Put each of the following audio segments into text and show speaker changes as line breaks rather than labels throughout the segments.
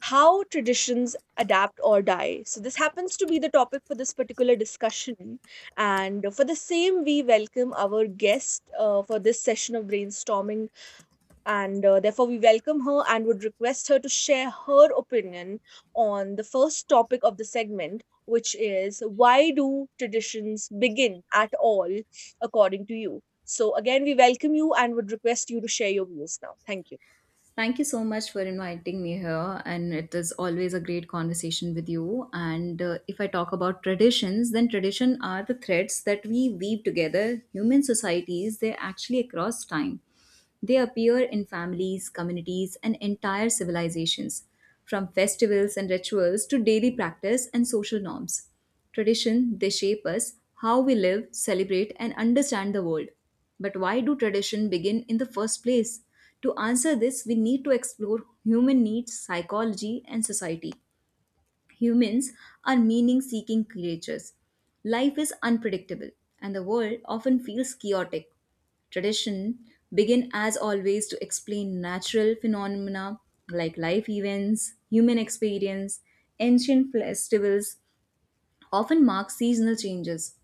How traditions adapt or die. So, this happens to be the topic for this particular discussion. And for the same, we welcome our guest for this session of brainstorming and therefore we welcome her and would request her to share her opinion on the first topic of the segment, which is why do traditions begin at all according to you. So again, we welcome you and would request you to share your views now. Thank you.
Thank you so much for inviting me here, and it is always a great conversation with you. And if I talk about traditions, then tradition are the threads that we weave together. Human societies, they actually across time. They appear in families, communities, and entire civilizations, from festivals and rituals to daily practice and social norms. Tradition, they shape us, how we live, celebrate, and understand the world. But why do tradition begin in the first place? To answer this, we need to explore human needs, psychology, and society. Humans are meaning seeking creatures. Life is unpredictable, and the world often feels chaotic. Tradition begin as always to explain natural phenomena like life events, human experience, ancient festivals, often mark seasonal changes,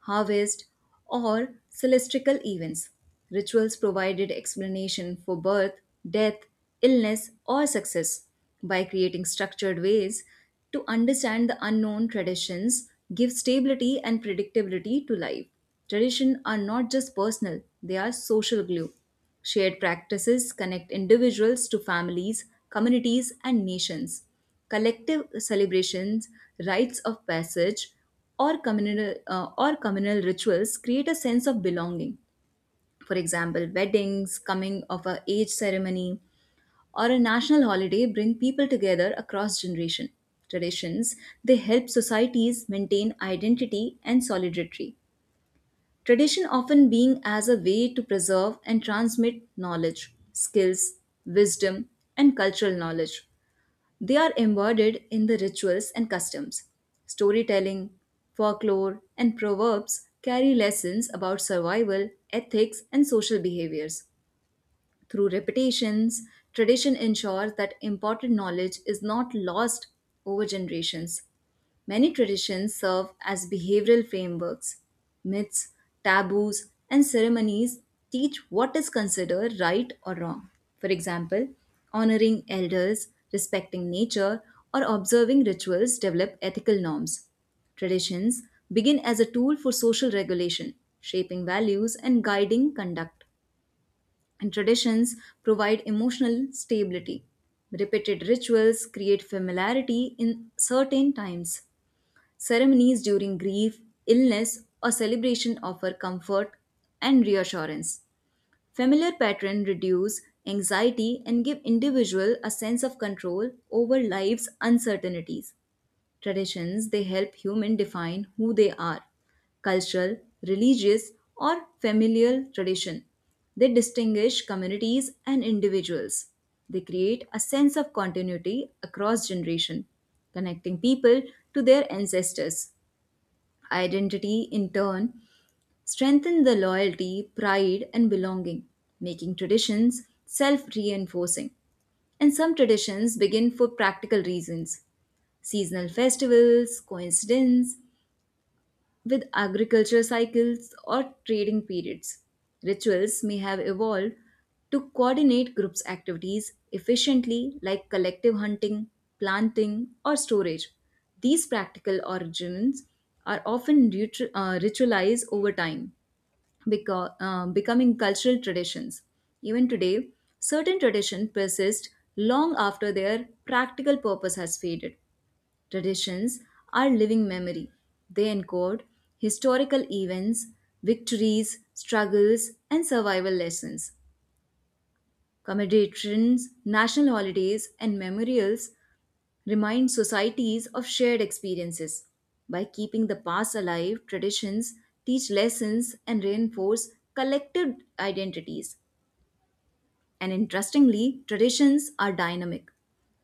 harvest, or celestial events. Rituals provided explanation for birth, death, illness, or success. By creating structured ways to understand the unknown traditions, give stability and predictability to life. Traditions are not just personal, they are social glue. Shared practices connect individuals to families, communities, and nations collective celebrations, rites of passage, or communal rituals create a sense of belonging. For example, weddings, coming of a age ceremony, or a national holiday bring people together across generation traditions. They help societies maintain identity and solidarity. Tradition often being as a way to preserve and transmit knowledge, skills, wisdom, and cultural knowledge. They are embodied in the rituals and customs. Storytelling, folklore, and proverbs carry lessons about survival, ethics, and social behaviors. Through repetitions, tradition ensures that important knowledge is not lost over generations. Many traditions serve as behavioral frameworks. Myths, taboos, and ceremonies teach what is considered right or wrong. For example, honoring elders, respecting nature, or observing rituals develop ethical norms. Traditions begin as a tool for social regulation, shaping values and guiding conduct. And traditions provide emotional stability. Repeated rituals create familiarity in certain times. Ceremonies during grief, illness, or celebration offer comfort and reassurance. Familiar patterns reduce anxiety and give individual a sense of control over life's uncertainties. Traditions they help human define who they are. Cultural, religious, or familial tradition. They distinguish communities and individuals. They create a sense of continuity across generation, connecting people to their ancestors. Identity, in turn, strengthen the loyalty, pride, and belonging, making traditions self reinforcing. And some traditions begin for practical reasons seasonal festivals, coincidence, with agriculture cycles or trading periods. Rituals may have evolved to coordinate groups' activities efficiently, like collective hunting, planting, or storage. These practical origins are often ritualized over time, becoming cultural traditions. Even today, certain traditions persist long after their practical purpose has faded. Traditions are living memory. They encode historical events, victories, struggles, and survival lessons. Commemorations, national holidays, and memorials remind societies of shared experiences. By keeping the past alive, traditions teach lessons and reinforce collective identities. And interestingly, traditions are dynamic.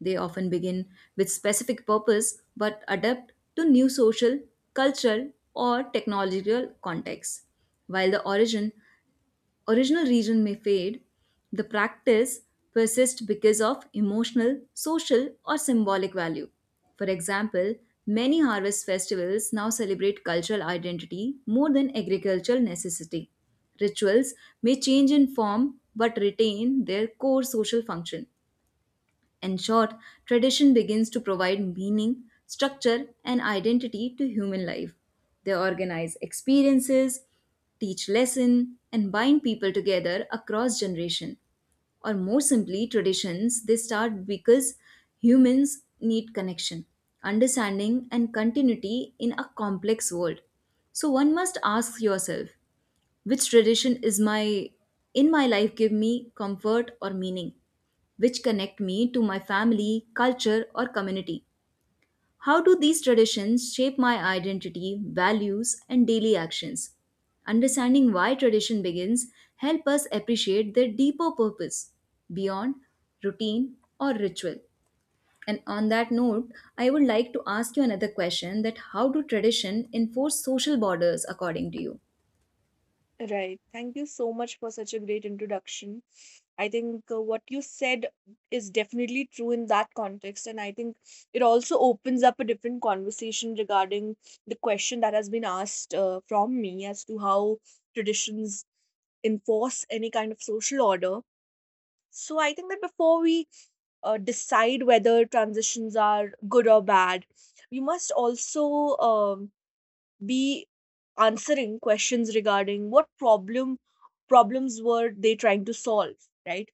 They often begin with specific purpose but adapt to new social, cultural, or technological contexts, while the origin original reason may fade, the practice persists because of emotional, social, or symbolic value. For example, many harvest festivals now celebrate cultural identity more than agricultural necessity. Rituals may change in form but retain their core social function. In short, tradition begins to provide meaning, structure, and identity to human life. They organize experiences, teach lesson, and bind people together across generation. Or more simply, traditions they start because humans need connection, understanding, and continuity in a complex world. So one must ask yourself, which tradition is my in my life give me comfort or meaning? Which connect me to my family, culture, or community. How do these traditions shape my identity, values, and daily actions? Understanding why tradition begins help us appreciate their deeper purpose beyond routine or ritual. And on that note, I would like to ask you another question that how do tradition enforce social borders according to you?
Right. Thank you so much for such a great introduction. I think what you said is definitely true in that context. And I think it also opens up a different conversation regarding the question that has been asked from me as to how traditions enforce any kind of social order. So I think that before we decide whether transitions are good or bad, we must also um, be answering questions regarding what problems were they trying to solve, right,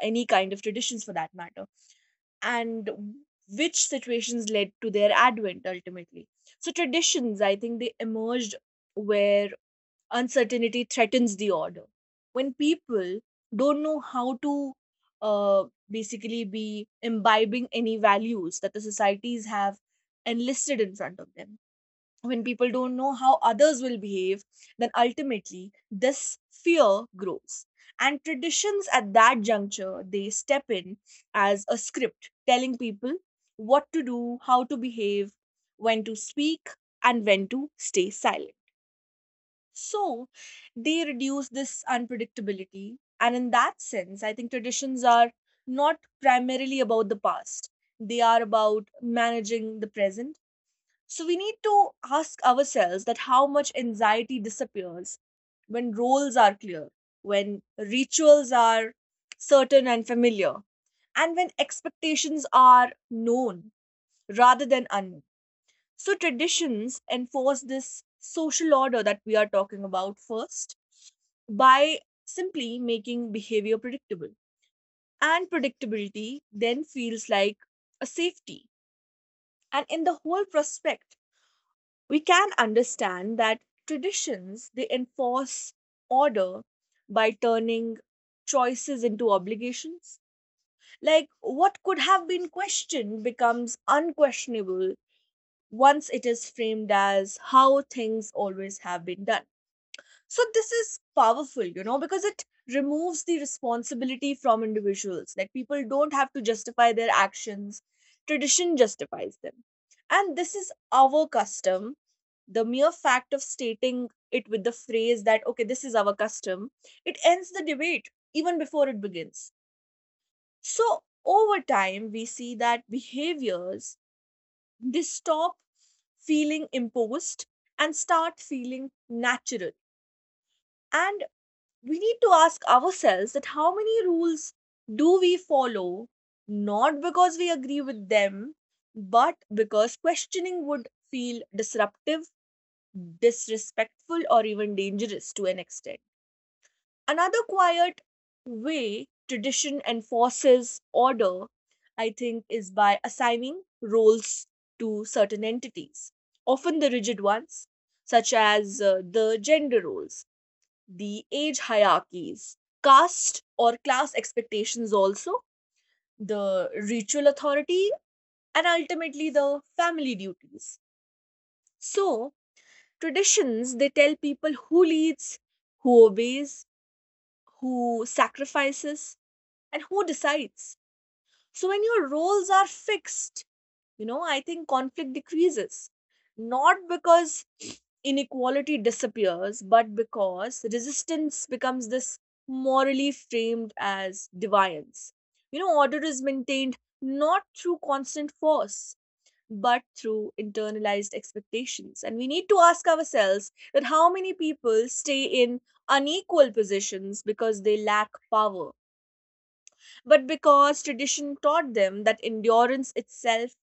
any kind of traditions for that matter, and which situations led to their advent ultimately. So traditions, I think they emerged where uncertainty threatens the order. When people don't know how to uh, basically be imbibing any values that the societies have enlisted in front of them, when people don't know how others will behave, then ultimately this fear grows. And traditions at that juncture, they step in as a script telling people what to do, how to behave, when to speak, and when to stay silent. So they reduce this unpredictability. And in that sense, I think traditions are not primarily about the past, they are about managing the present. So we need to ask ourselves that how much anxiety disappears when roles are clear, when rituals are certain and familiar, and when expectations are known rather than unknown. So traditions enforce this social order that we are talking about first by simply making behavior predictable. And predictability then feels like a safety. And in the whole prospect, we can understand that traditions they enforce order by turning choices into obligations, like what could have been questioned becomes unquestionable once it is framed as how things always have been done. So this is powerful, you know, because it removes the responsibility from individuals, like people don't have to justify their actions, tradition justifies them. And this is our custom. The mere fact of stating it with the phrase that okay, this is our custom, it ends the debate even before it begins. So over time we see that behaviors, they stop feeling imposed and start feeling natural. And we need to ask ourselves that how many rules do we follow not because we agree with them, but because questioning would feel disruptive, disrespectful, or even dangerous to an extent. Another quiet way tradition enforces order, I think, is by assigning roles to certain entities, often the rigid ones, such as the gender roles, the age hierarchies, caste or class expectations, also, the ritual authority, and ultimately the family duties. So, traditions they tell people who leads, who obeys, who sacrifices, and who decides. So when your roles are fixed, you know, I think conflict decreases, not because inequality disappears but because resistance becomes this morally framed as defiance. You know, order is maintained not through constant force but through internalized expectations. And we need to ask ourselves that how many people stay in unequal positions because they lack power, but because tradition taught them that endurance itself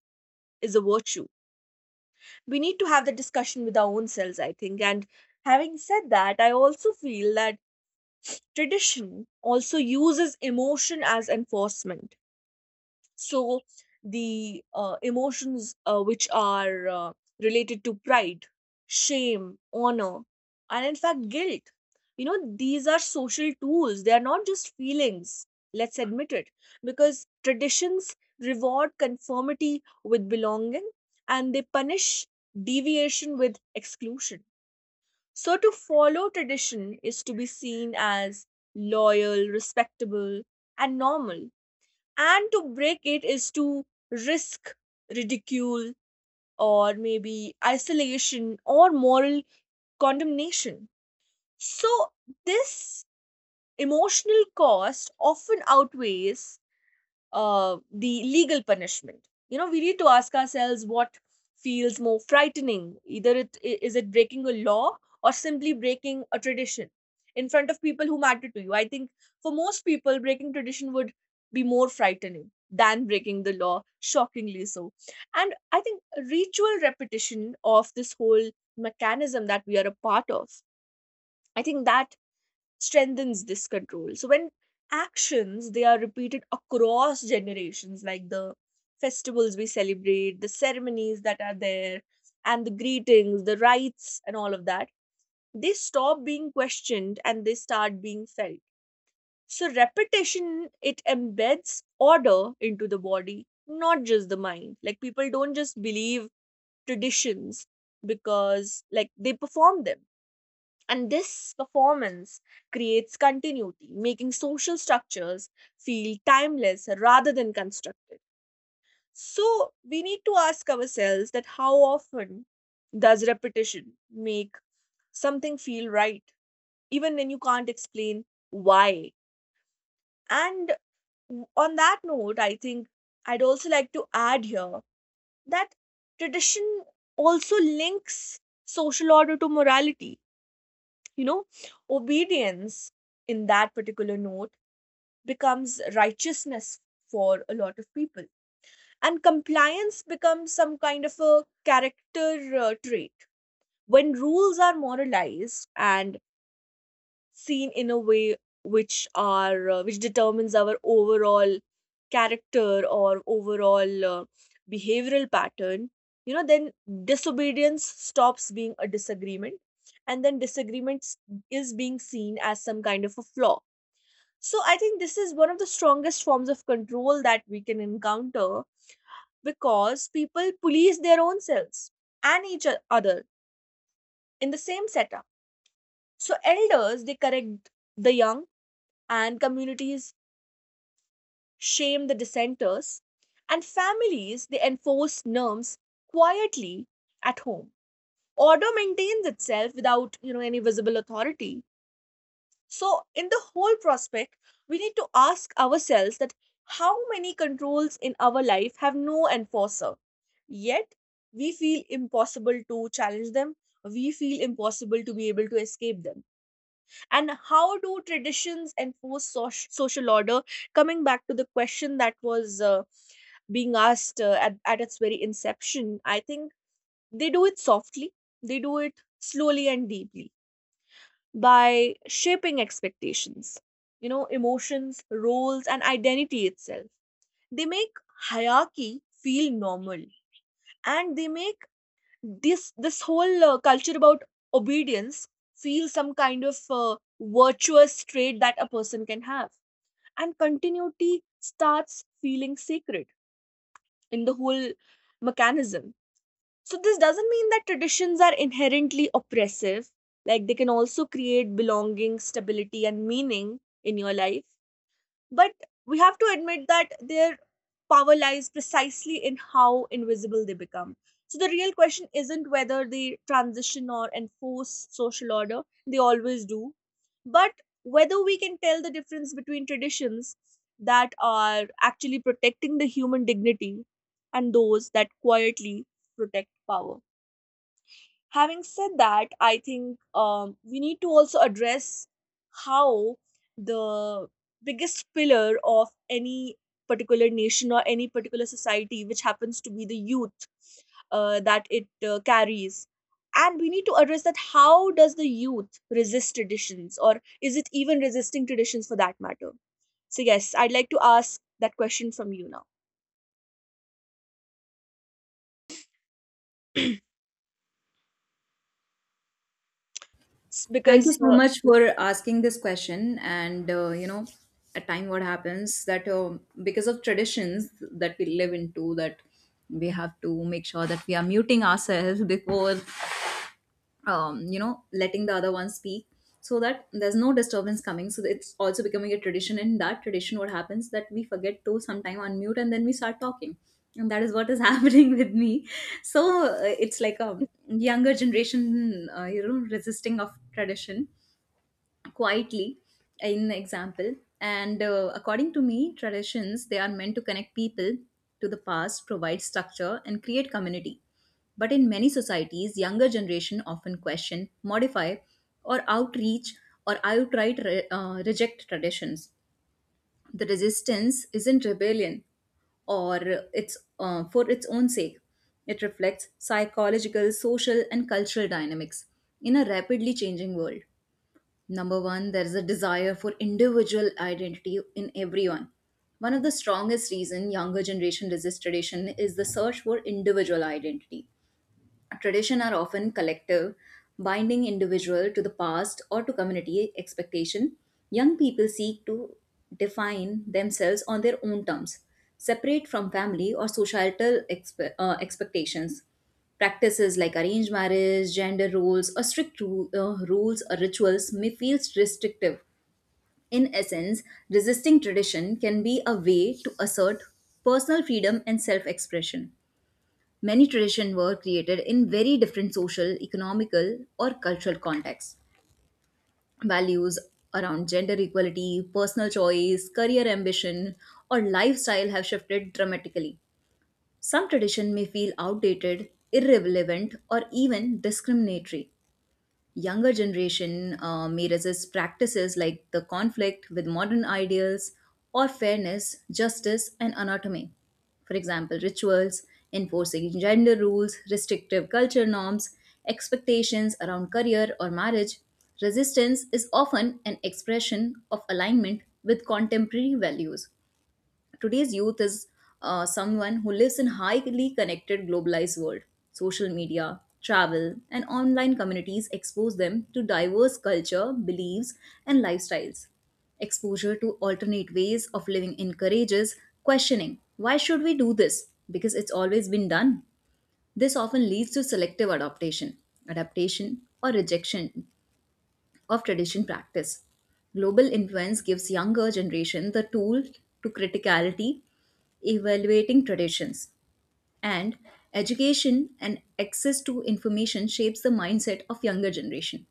is a virtue. We need to have the discussion with our own selves, I think. And having said that, I also feel that tradition also uses emotion as enforcement. So the emotions which are related to pride, shame, honor, and in fact guilt, you know, these are social tools. They are not just feelings. Let's admit it, because traditions reward conformity with belonging, and they punish deviation with exclusion. So to follow tradition is to be seen as loyal, respectable, and normal, and to break it is to risk ridicule or maybe isolation or moral condemnation. So this emotional cost often outweighs the legal punishment. You know, we need to ask ourselves what feels more frightening. Either is it breaking a law or simply breaking a tradition in front of people who matter to you. I think for most people, breaking tradition would be more frightening than breaking the law, shockingly so. And I think ritual repetition of this whole mechanism that we are a part of, I think that strengthens this control. So when actions they are repeated across generations, like the festivals we celebrate, the ceremonies that are there, and the greetings, the rites, and all of that, they stop being questioned and they start being felt. So repetition it embeds order into the body, not just the mind. Like people don't just believe traditions because like they perform them, and this performance creates continuity, making social structures feel timeless rather than constructed. So we need to ask ourselves that how often does repetition make something feel right, even when you can't explain why? And on that note, I think I'd also like to add here that tradition also links social order to morality. You know, obedience in that particular note becomes righteousness for a lot of people, and compliance becomes some kind of a character trait. When rules are moralized and seen in a way which are which determines our overall character or overall behavioral pattern, you know, then disobedience stops being a disagreement, and then is being seen as some kind of a flaw. So I think this is one of the strongest forms of control that we can encounter, because people police their own selves and each other in the same setup. So elders they correct the young, and communities shame the dissenters, and families they enforce norms quietly at home. Order maintains itself without you know any visible authority. So in the whole prospect, we need to ask ourselves that how many controls in our life have no enforcer? Yet we feel impossible to challenge them. We feel impossible to be able to escape them. And how do traditions enforce social order? Coming back to the question that was being asked at its very inception, I think they do it softly, they do it slowly and deeply by shaping expectations, you know, emotions, roles, and identity itself. They make hierarchy feel normal, and they make this whole culture about obedience feel some kind of virtuous trait that a person can have, and continuity starts feeling sacred in the whole mechanism. So this doesn't mean that traditions are inherently oppressive. Like they can also create belonging, stability, and meaning in your life. But we have to admit that their power lies precisely in how invisible they become. So the real question isn't whether they transition or enforce social order, they always do. But whether we can tell the difference between traditions that are actually protecting the human dignity and those that quietly protect power. Having said that, I think we need to also address how the biggest pillar of any particular nation or any particular society, which happens to be the youth that it carries, and we need to address that how does the youth resist traditions, or is it even resisting traditions for that matter. So yes, I'd like to ask that question from you now.
Thank you
Because
so much for asking this question. And you know, at time what happens that because of traditions that we live into, that we have to make sure that we are muting ourselves before, you know, letting the other one speak, so that there's no disturbance coming. So it's also becoming a tradition. In that tradition, what happens that we forget to sometime unmute and then we start talking, and that is what is happening with me. So it's like a younger generation, you know, resisting of tradition quietly in the example and according to me traditions they are meant to connect people to the past provide structure and create community but in many societies younger generation often question modify or outreach or outright reject traditions the resistance isn't rebellion or it's for its own sake. It reflects psychological, social, and cultural dynamics in a rapidly changing world. Number one, there is a desire for individual identity in everyone. One of the strongest reason younger generation resists tradition is the search for individual identity. Tradition are often collective, binding individual to the past or to community expectation. Young people seek to define themselves on their own terms, separate from family or societal expectations. Practices like arranged marriage, gender roles, or strict rules or rituals may feel restrictive. In essence, resisting tradition can be a way to assert personal freedom and self expression. Many traditions were created in very different social, economical, or cultural contexts. Values around gender equality, personal choice, career ambition, or lifestyle have shifted dramatically. Some tradition may feel outdated, irrelevant, or even discriminatory younger generation may resist practices like the conflict with modern ideals or fairness, justice, and anatomy. For example, rituals, enforcing gender rules, restrictive culture norms, expectations around career or marriage. Resistance is often an expression of alignment with contemporary values today's youth is someone who lives in highly connected globalized world social media travel and online communities expose them to diverse culture beliefs and lifestyles exposure to alternate ways of living encourages questioning why should we do this because it's always been done this often leads to selective adaptation adaptation or rejection of tradition practice. Global influence gives younger generation the tool to criticality, evaluating traditions, and education and access to information shapes the mindset of younger generation.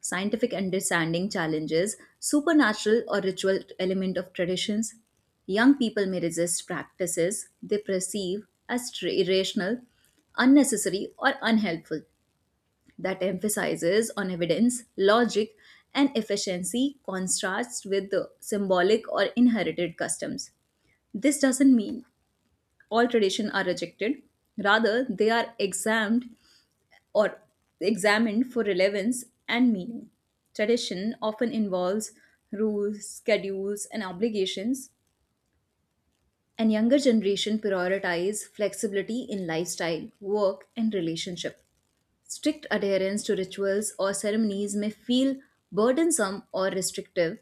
Scientific understanding challenges supernatural or ritual element of traditions. Young people may resist practices they perceive as irrational, unnecessary, or unhelpful that emphasizes on evidence, logic, and efficiency contrasts with the symbolic or inherited customs. This doesn't mean all traditions are rejected, rather, they are examined or examined for relevance and meaning. Tradition often involves rules, schedules, and obligations, and younger generation prioritize flexibility in lifestyle, work, and relationship. Strict adherence to rituals or ceremonies may feel burdensome or restrictive.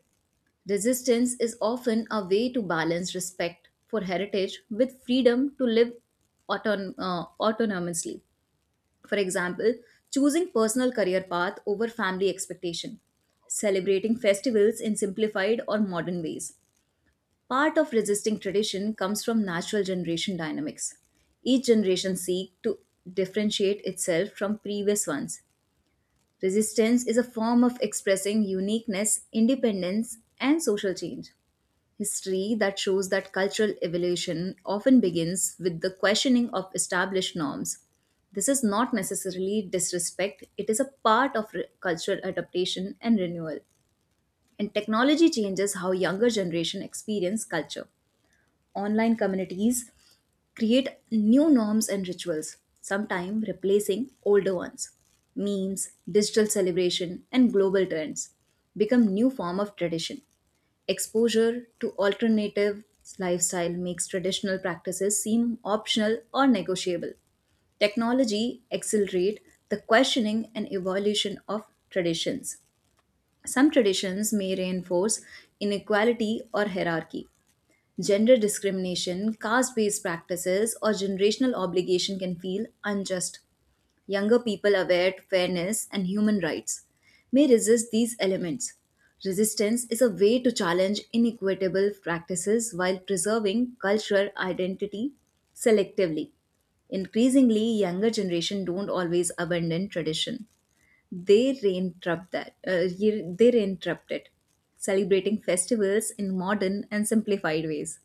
Resistance is often a way to balance respect for heritage with freedom to live autonomously. For example, choosing personal career path over family expectation, celebrating festivals in simplified or modern ways. Part of resisting tradition comes from natural generation dynamics. Each generation seeks to differentiate itself from previous ones. Resistance is a form of expressing uniqueness, independence, and social change. History that shows that cultural evolution often begins with the questioning of established norms. This is not necessarily disrespect, it is a part of cultural adaptation and renewal. And technology changes how younger generation experience culture. Online communities create new norms and rituals, sometimes replacing older ones. Memes, digital celebration, and global trends become new form of tradition. Exposure to alternative lifestyle makes traditional practices seem optional or negotiable. Technology accelerate the questioning and evolution of traditions. Some traditions may reinforce inequality or hierarchy, gender discrimination, caste based practices, or generational obligation can feel unjust. Younger people aware to fairness and human rights may resist these elements. Resistance is a way to challenge inequitable practices while preserving cultural identity selectively. Increasingly, younger generation don't always abandon tradition. They reinterrupt that. They reinterrupt it, celebrating festivals in modern and simplified ways,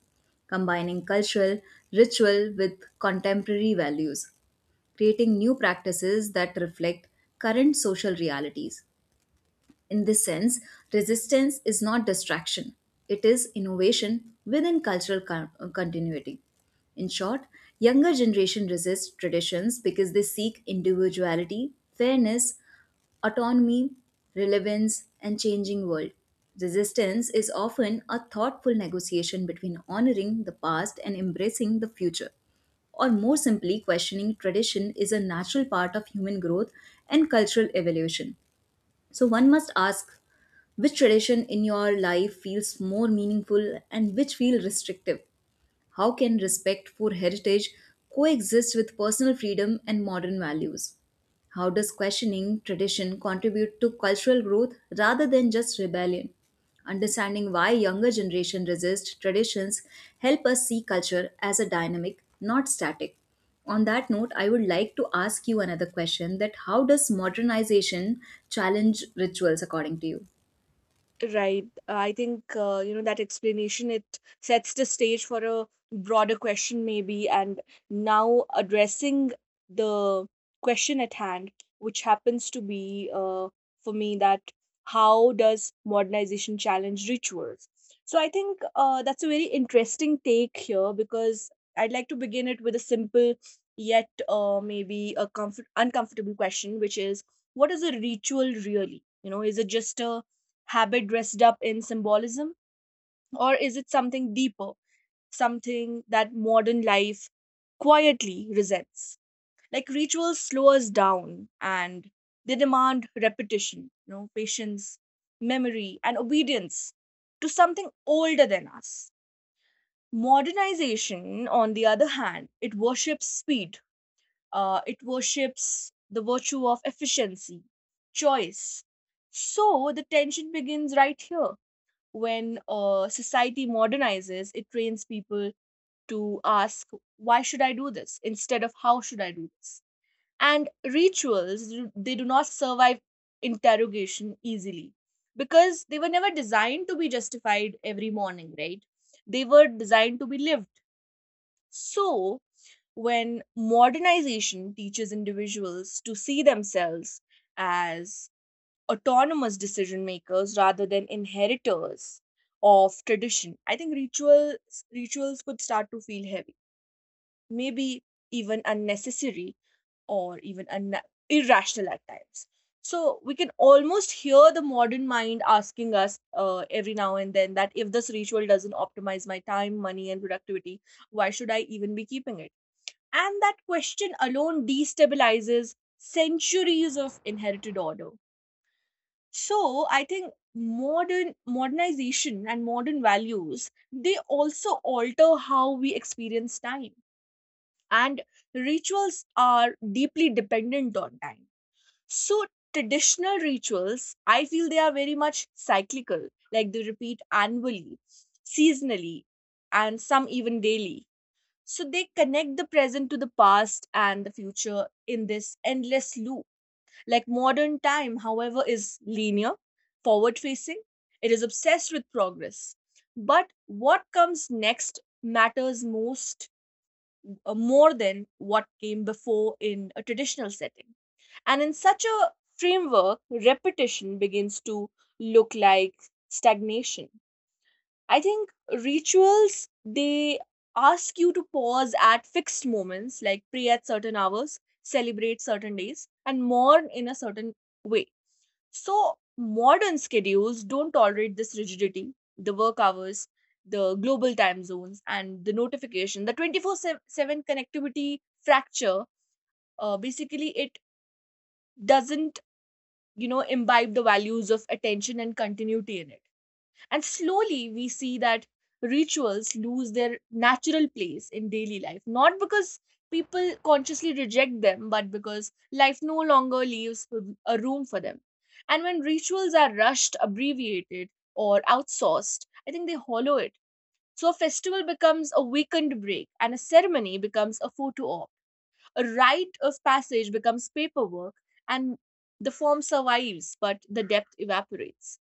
combining cultural ritual with contemporary values, creating new practices that reflect current social realities. In this sense, resistance is not distraction, it is innovation within cultural continuity. In short, younger generation resist traditions because they seek individuality, fairness, autonomy, relevance, and changing world. Resistance is often a thoughtful negotiation between honoring the past and embracing the future. Or more simply, questioning tradition is a natural part of human growth and cultural evolution. So one must ask which tradition in your life feels more meaningful and which feel restrictive how can respect for heritage coexist with personal freedom and modern values? How does questioning tradition contribute to cultural growth rather than just rebellion? Understanding why younger generation resist traditions help us see culture as a dynamic, not static. On that note, I would like to ask you another question that how does modernization challenge rituals according to you?
right. I think you know that explanation it sets the stage for a broader question maybe, and now addressing the question at hand, which happens to be for me, that how does modernization challenge rituals? So I think that's a very interesting take here because I'd like to begin it with a simple yet maybe a comfort uncomfortable question, which is what is a ritual really? You know, is it just a habit dressed up in symbolism? Or is it something deeper, something that modern life quietly resents? Like rituals slow us down, and they demand repetition, you know, patience, memory, and obedience to something older than us. Modernization, on the other hand, it worships speed, it worships the virtue of efficiency, choice. So the tension begins right here. When society modernizes, it trains people to ask, why should I do this? Instead of how should I do this? And rituals, they do not survive interrogation easily because they were never designed to be justified every morning, right? They were designed to be lived. So, when modernization teaches individuals to see themselves as autonomous decision makers rather than inheritors of tradition, I think rituals could start to feel heavy, maybe even unnecessary or irrational at times. So we can almost hear the modern mind asking us every now and then that if this ritual doesn't optimize my time, money, and productivity, why should I even be keeping it? And that question alone destabilizes centuries of inherited order. So I think modernization and modern values, they also alter how we experience time and rituals are deeply dependent on time. So traditional rituals, I feel they are very much cyclical, like they repeat annually, seasonally, and some even daily. So they connect the present to the past and the future in this endless loop. Like modern time, however, is linear, forward facing, it is obsessed with progress. But what comes next matters most, more than what came before in a traditional setting. And in such a framework, repetition begins to look like stagnation. I think rituals, they ask you to pause at fixed moments, like pray at certain hours, celebrate certain days, and mourn in a certain way. So modern schedules don't tolerate this rigidity. The work hours, the global time zones, and the notification, the 24/7 connectivity fracture, basically, it doesn't, imbibe the values of attention and continuity in it. And slowly we see that rituals lose their natural place in daily life, not because people consciously reject them, but because life no longer leaves a room for them. And when rituals are rushed, abbreviated, or outsourced, I think they hollow it. So a festival becomes a weekend break, and a ceremony becomes a photo op. A rite of passage becomes paperwork, and the form survives, but the depth evaporates.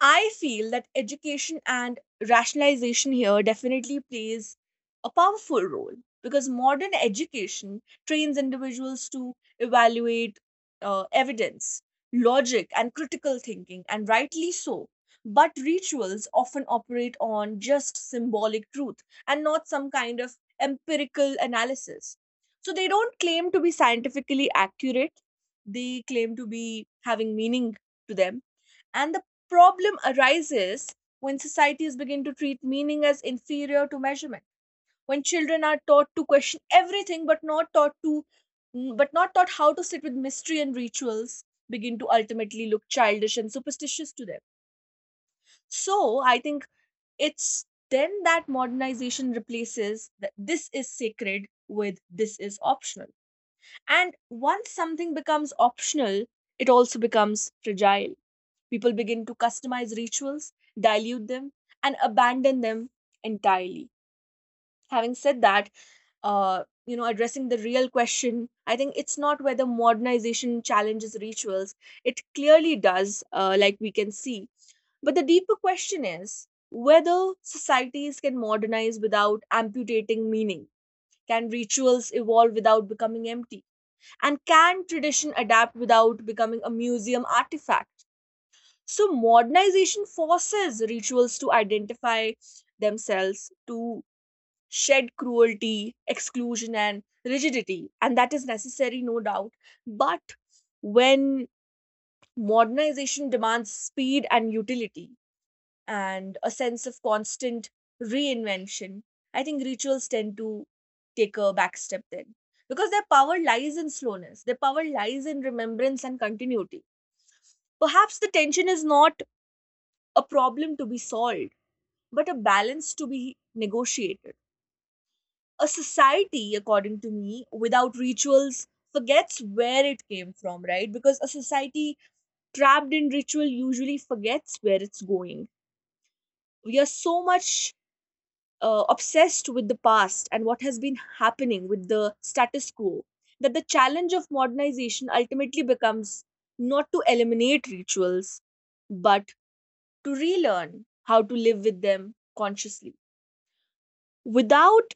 I feel that education and rationalization here definitely plays a powerful role, because modern education trains individuals to evaluate, evidence, logic, and critical thinking, and rightly so. But rituals often operate on just symbolic truth and not some kind of empirical analysis. So they don't claim to be scientifically accurate, they claim to be having meaning to them. And the problem arises when societies begin to treat meaning as inferior to measurement, when children are taught to question everything but not taught to but not taught how to sit with mystery, and rituals begin to ultimately look childish and superstitious to them. So I think it's then that modernization replaces that this is sacred with this is optional. And once something becomes optional, it also becomes fragile. People begin to customize rituals, dilute them, and abandon them entirely. Having said that, addressing the real question, I think it's not whether modernization challenges rituals. It clearly does, like we can see. But the deeper question is whether societies can modernize without amputating meaning. Can rituals evolve without becoming empty? And can tradition adapt without becoming a museum artifact? So modernization forces rituals to identify themselves, to shed cruelty, exclusion, and rigidity. And that is necessary, no doubt. But when modernization demands speed and utility and a sense of constant reinvention, I think rituals tend to take a back step then. Because their power lies in slowness, their power lies in remembrance and continuity. Perhaps the tension is not a problem to be solved but a balance to be negotiated. A society, according to me, without rituals forgets where it came from, right? Because a society trapped in ritual usually forgets where it's going. We are so much obsessed with the past and what has been happening with the status quo, that the challenge of modernization ultimately becomes not to eliminate rituals, but to relearn how to live with them consciously. Without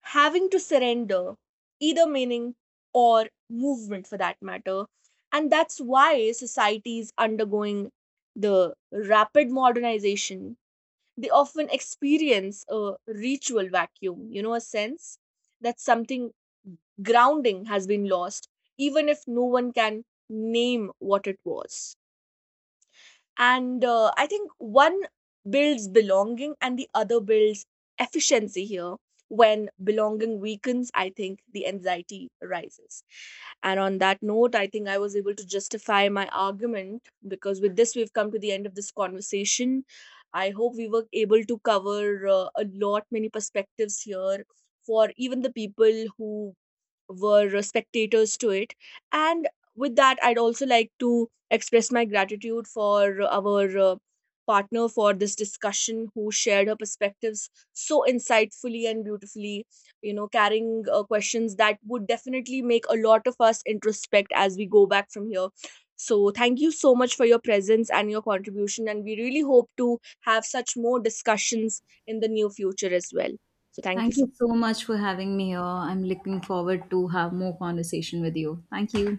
having to surrender either meaning or movement for that matter. And that's why societies undergoing the rapid modernization, they often experience a ritual vacuum, you know, a sense that something grounding has been lost, even if no one can name what it was. And I think one builds belonging and the other builds efficiency here. When belonging weakens, I think the anxiety rises. And on that note, I think I was able to justify my argument, because with this, we've come to the end of this conversation. I hope we were able to cover a lot, many perspectives here for even the people who were spectators to it. And with that, I'd also like to express my gratitude for our partner for this discussion, who shared her perspectives so insightfully and beautifully, you know, carrying questions that would definitely make a lot of us introspect as we go back from here. So thank you so much for your presence and your contribution. And we really hope to have such more discussions in the near future as well. So thank you
Thank
so
you so much for having me here. I'm looking forward to have more conversation with you. Thank you.